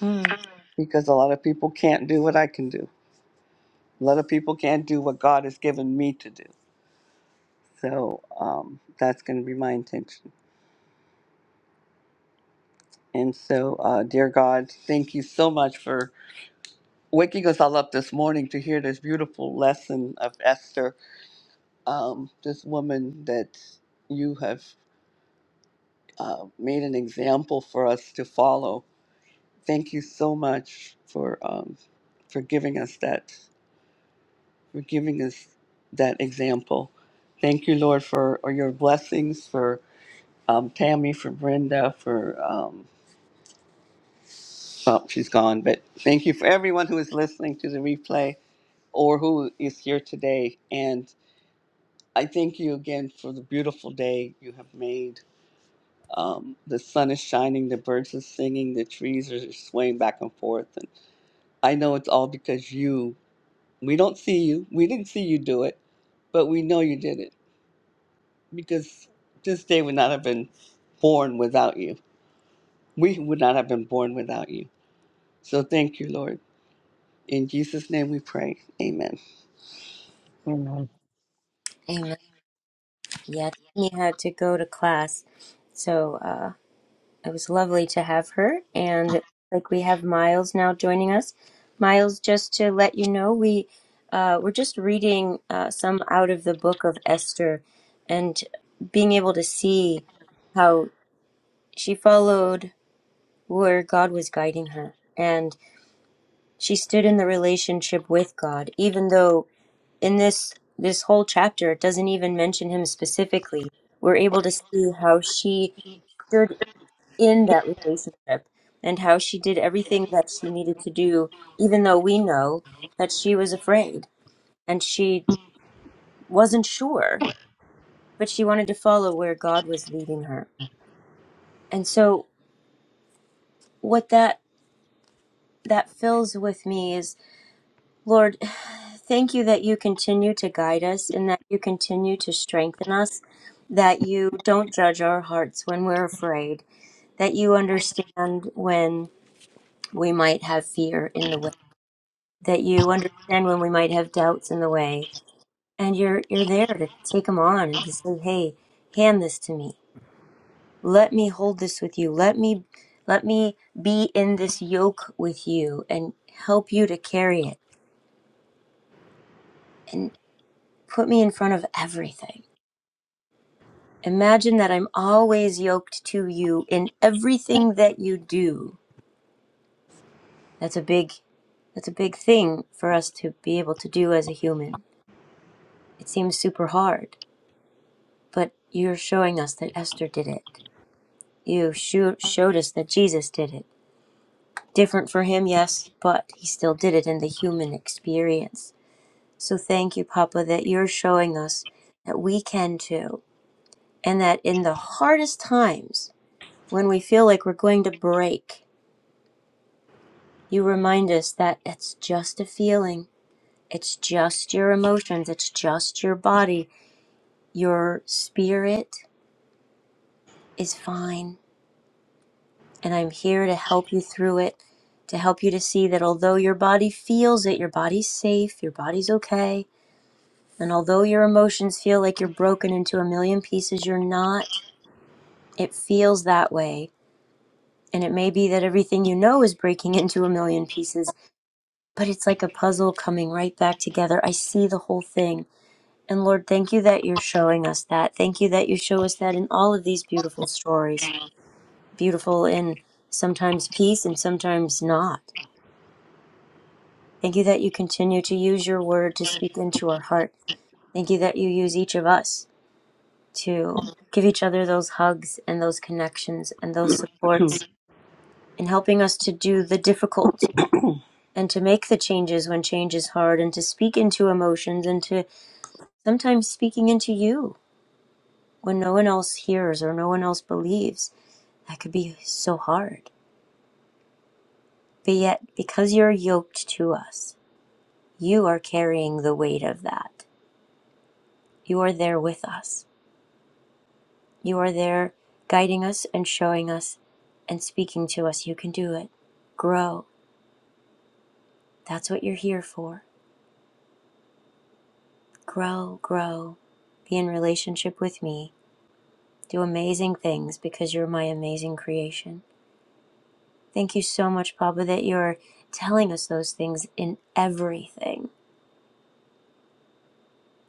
[SPEAKER 1] Mm.
[SPEAKER 3] because a lot of people can't do what I can do. A lot of people can't do what God has given me to do So um, that's going to be my intention. And so, uh, dear God, thank you so much for waking us all up this morning to hear this beautiful lesson of Esther, um, this woman that you have uh, made an example for us to follow. Thank you so much for um, for giving us that for giving us that example. Thank you, Lord, for your blessings for um, Tammy, for Brenda, for um, Oh, she's gone. But thank you for everyone who is listening to the replay or who is here today. And I thank you again for the beautiful day you have made. Um, the sun is shining, the birds are singing, the trees are swaying back and forth. And I know it's all because you, we don't see you, we didn't see you do it, but we know you did it because this day would not have been born without you. We would not have been born without you. So thank you, Lord. In Jesus' name we pray. Amen.
[SPEAKER 2] Amen.
[SPEAKER 1] Amen. Yeah, Tiffany had to go to class, so. uh, It was lovely to have her. And like we have Miles now joining us. Miles, just to let you know, we uh, we're just reading uh, some out of the book of Esther, and being able to see how she followed where God was guiding her, and she stood in the relationship with God, even though in this this whole chapter it doesn't even mention him specifically. We're able to see how she stood in that relationship and how she did everything that she needed to do, even though we know that she was afraid and she wasn't sure, but she wanted to follow where God was leading her. And so, what that that fills with me is, Lord, thank you that you continue to guide us and that you continue to strengthen us, that you don't judge our hearts when we're afraid, that you understand when we might have fear in the way that you understand when we might have doubts in the way and you're you're there to take them on and to say hey hand this to me let me hold this with you let me let me be in this yoke with you and help you to carry it and put me in front of everything imagine that i'm always yoked to you in everything that you do that's a big that's a big thing for us to be able to do as a human it seems super hard But you're showing us that Esther did it. You sho- showed us that Jesus did it. Different for him, yes, but he still did it in the human experience. So thank you, Papa, that you're showing us that we can too. And that in the hardest times, when we feel like we're going to break, you remind us that it's just a feeling, it's just your emotions, it's just your body. Your spirit is fine and I'm here to help you through it, to help you to see that although your body feels it, your body's safe, your body's okay, and although your emotions feel like you're broken into a million pieces, you're not. It feels that way. And it may be that everything you know is breaking into a million pieces, but it's like a puzzle coming right back together. I see the whole thing. And Lord, thank you that you're showing us that. Thank you that you show us that in all of these beautiful stories. Beautiful in sometimes peace and sometimes not Thank you that you continue to use your word to speak into our heart. Thank you that you use each of us to give each other those hugs and those connections and those supports and helping us to do the difficult and to make the changes when change is hard and to speak into emotions and to sometimes speaking into you when no one else hears or no one else believes. That could be so hard. But yet, because you're yoked to us, you are carrying the weight of that. You are there with us. You are there guiding us and showing us and speaking to us. You can do it. Grow. That's what you're here for. Grow, grow. Be in relationship with me. Do amazing things because you're my amazing creation. Thank you so much, Papa, that you're telling us those things in everything.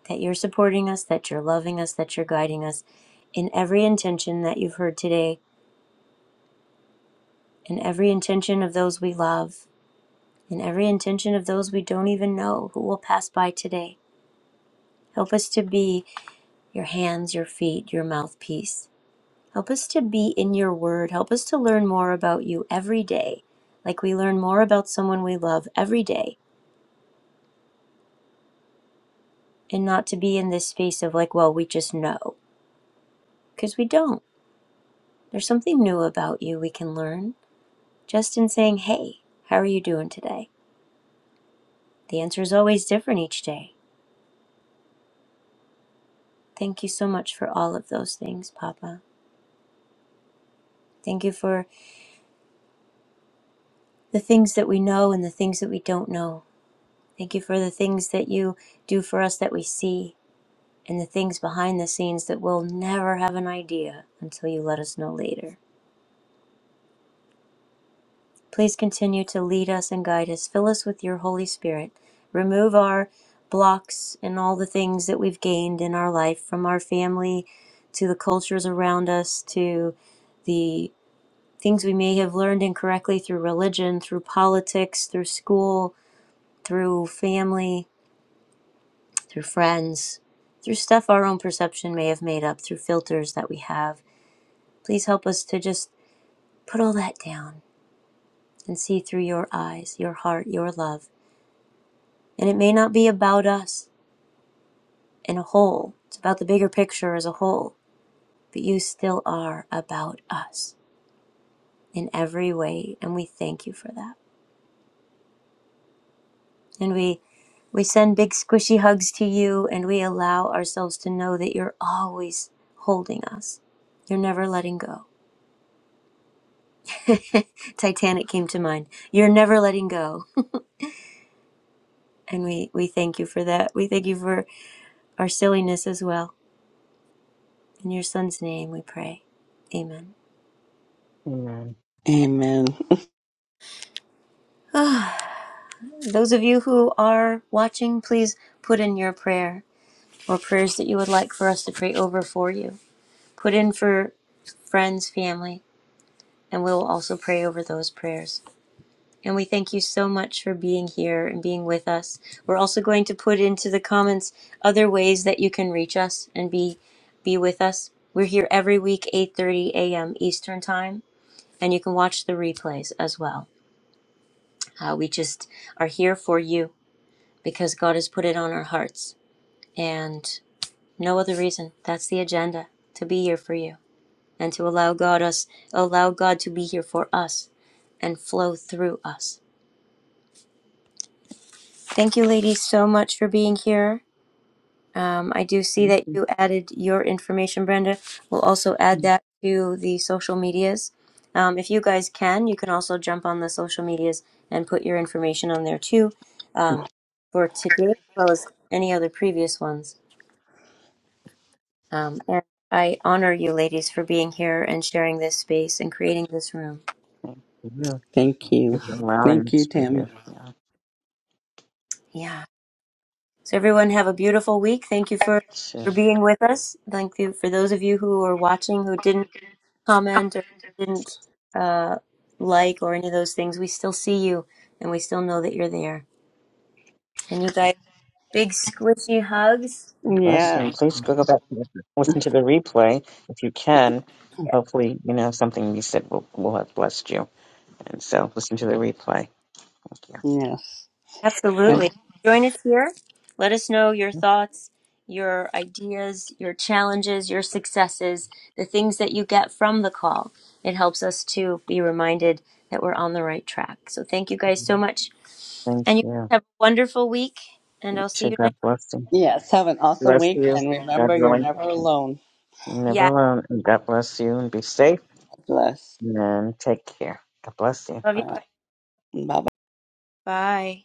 [SPEAKER 1] That you're supporting us, that you're loving us, that you're guiding us in every intention that you've heard today, in every intention of those we love and every intention of those we don't even know who will pass by today. Help us to be your hands, your feet, your mouthpiece. Help us to be in your word. Help us to learn more about you every day, like we learn more about someone we love every day, and not to be in this space of like, well, we just know, because we don't. There's something new about you we can learn just in saying, hey, how are you doing today? The answer is always different each day. Thank you so much for all of those things, Papa. Thank you for the things that we know and the things that we don't know. Thank you for the things that you do for us that we see and the things behind the scenes that we'll never have an idea until you let us know later. Please continue to lead us and guide us. Fill us with your Holy Spirit. Remove our blocks and all the things that we've gained in our life from our family to the cultures around us to the things we may have learned incorrectly through religion, through politics, through school, through family through friends, through stuff our own perception may have made up, through filters that we have. Please help us to just put all that down and see through your eyes, your heart, your love. And it may not be about us in a whole, it's about the bigger picture as a whole, but you still are about us in every way, and we thank you for that. And we we send big squishy hugs to you and we allow ourselves to know that you're always holding us. You're never letting go. Titanic came to mind. You're never letting go. And we, we thank you for that. We thank you for our silliness as well. In your son's name we pray. Amen.
[SPEAKER 2] Amen.
[SPEAKER 3] Amen.
[SPEAKER 1] Ah, Those of you who are watching, please put in your prayer or prayers that you would like for us to pray over for you. Put in for friends, family, and we will also pray over those prayers. And we thank you so much for being here and being with us. We're also going to put into the comments other ways that you can reach us and be be with us. We're here every week 8:30 a.m. Eastern Time and you can watch the replays as well. Uh, we just are here for you because God has put it on our hearts and no other reason. That's the agenda to be here for you and to allow God us allow God to be here for us and flow through us. Thank you, ladies, so much for being here. Um, I do see
[SPEAKER 2] Thank
[SPEAKER 1] that
[SPEAKER 2] you.
[SPEAKER 1] you added your information, Brenda. We'll also add
[SPEAKER 2] Thank you
[SPEAKER 1] that to the social medias. Um, if you guys can, you can also jump on the social medias and put your information on there too um, for today as well as any other previous ones. Um, and I honor you, ladies, for being here and sharing this space and creating this room.
[SPEAKER 2] Thank
[SPEAKER 3] Thank
[SPEAKER 2] you
[SPEAKER 3] you.
[SPEAKER 2] for allowing me
[SPEAKER 3] Thank
[SPEAKER 2] to
[SPEAKER 3] you,
[SPEAKER 2] speak here.
[SPEAKER 3] Tammy.
[SPEAKER 2] Yeah.
[SPEAKER 1] Yeah. So, everyone, have a beautiful week. Thank you for,
[SPEAKER 2] So,
[SPEAKER 1] for being with us. Thank you for those of you who are watching who didn't comment or didn't uh, like or any of those things, we still see you and we still know that you're there. And you guys, big squishy hugs.
[SPEAKER 2] bless you. And
[SPEAKER 3] Yes.
[SPEAKER 2] please go back and listen to the replay if you can. Hopefully, you know, something you said will, will have blessed you. And so listen to the replay. Thank
[SPEAKER 3] Yes. And
[SPEAKER 1] Absolutely. Join us here. Let us know your
[SPEAKER 2] you.
[SPEAKER 1] thoughts, your ideas, your challenges, your successes, the things that you get from the call. It helps us to be reminded that we're on the right track. So thank you guys so much.
[SPEAKER 2] Thank
[SPEAKER 1] And you
[SPEAKER 2] you.
[SPEAKER 1] guys have a wonderful week. And I'll see
[SPEAKER 2] To
[SPEAKER 1] you
[SPEAKER 2] God
[SPEAKER 1] next week.
[SPEAKER 2] bless you.
[SPEAKER 3] yes, have an awesome
[SPEAKER 2] bless
[SPEAKER 3] week
[SPEAKER 2] you.
[SPEAKER 3] and
[SPEAKER 2] God
[SPEAKER 3] remember you're
[SPEAKER 2] willing,
[SPEAKER 3] never alone.
[SPEAKER 2] never
[SPEAKER 1] Yeah.
[SPEAKER 2] alone. and God bless you and be safe
[SPEAKER 3] Bless.
[SPEAKER 2] and take care. God bless you.
[SPEAKER 1] Love
[SPEAKER 2] Bye
[SPEAKER 1] you
[SPEAKER 3] Uh,
[SPEAKER 1] guys.
[SPEAKER 2] bye.
[SPEAKER 3] bye
[SPEAKER 1] Bye.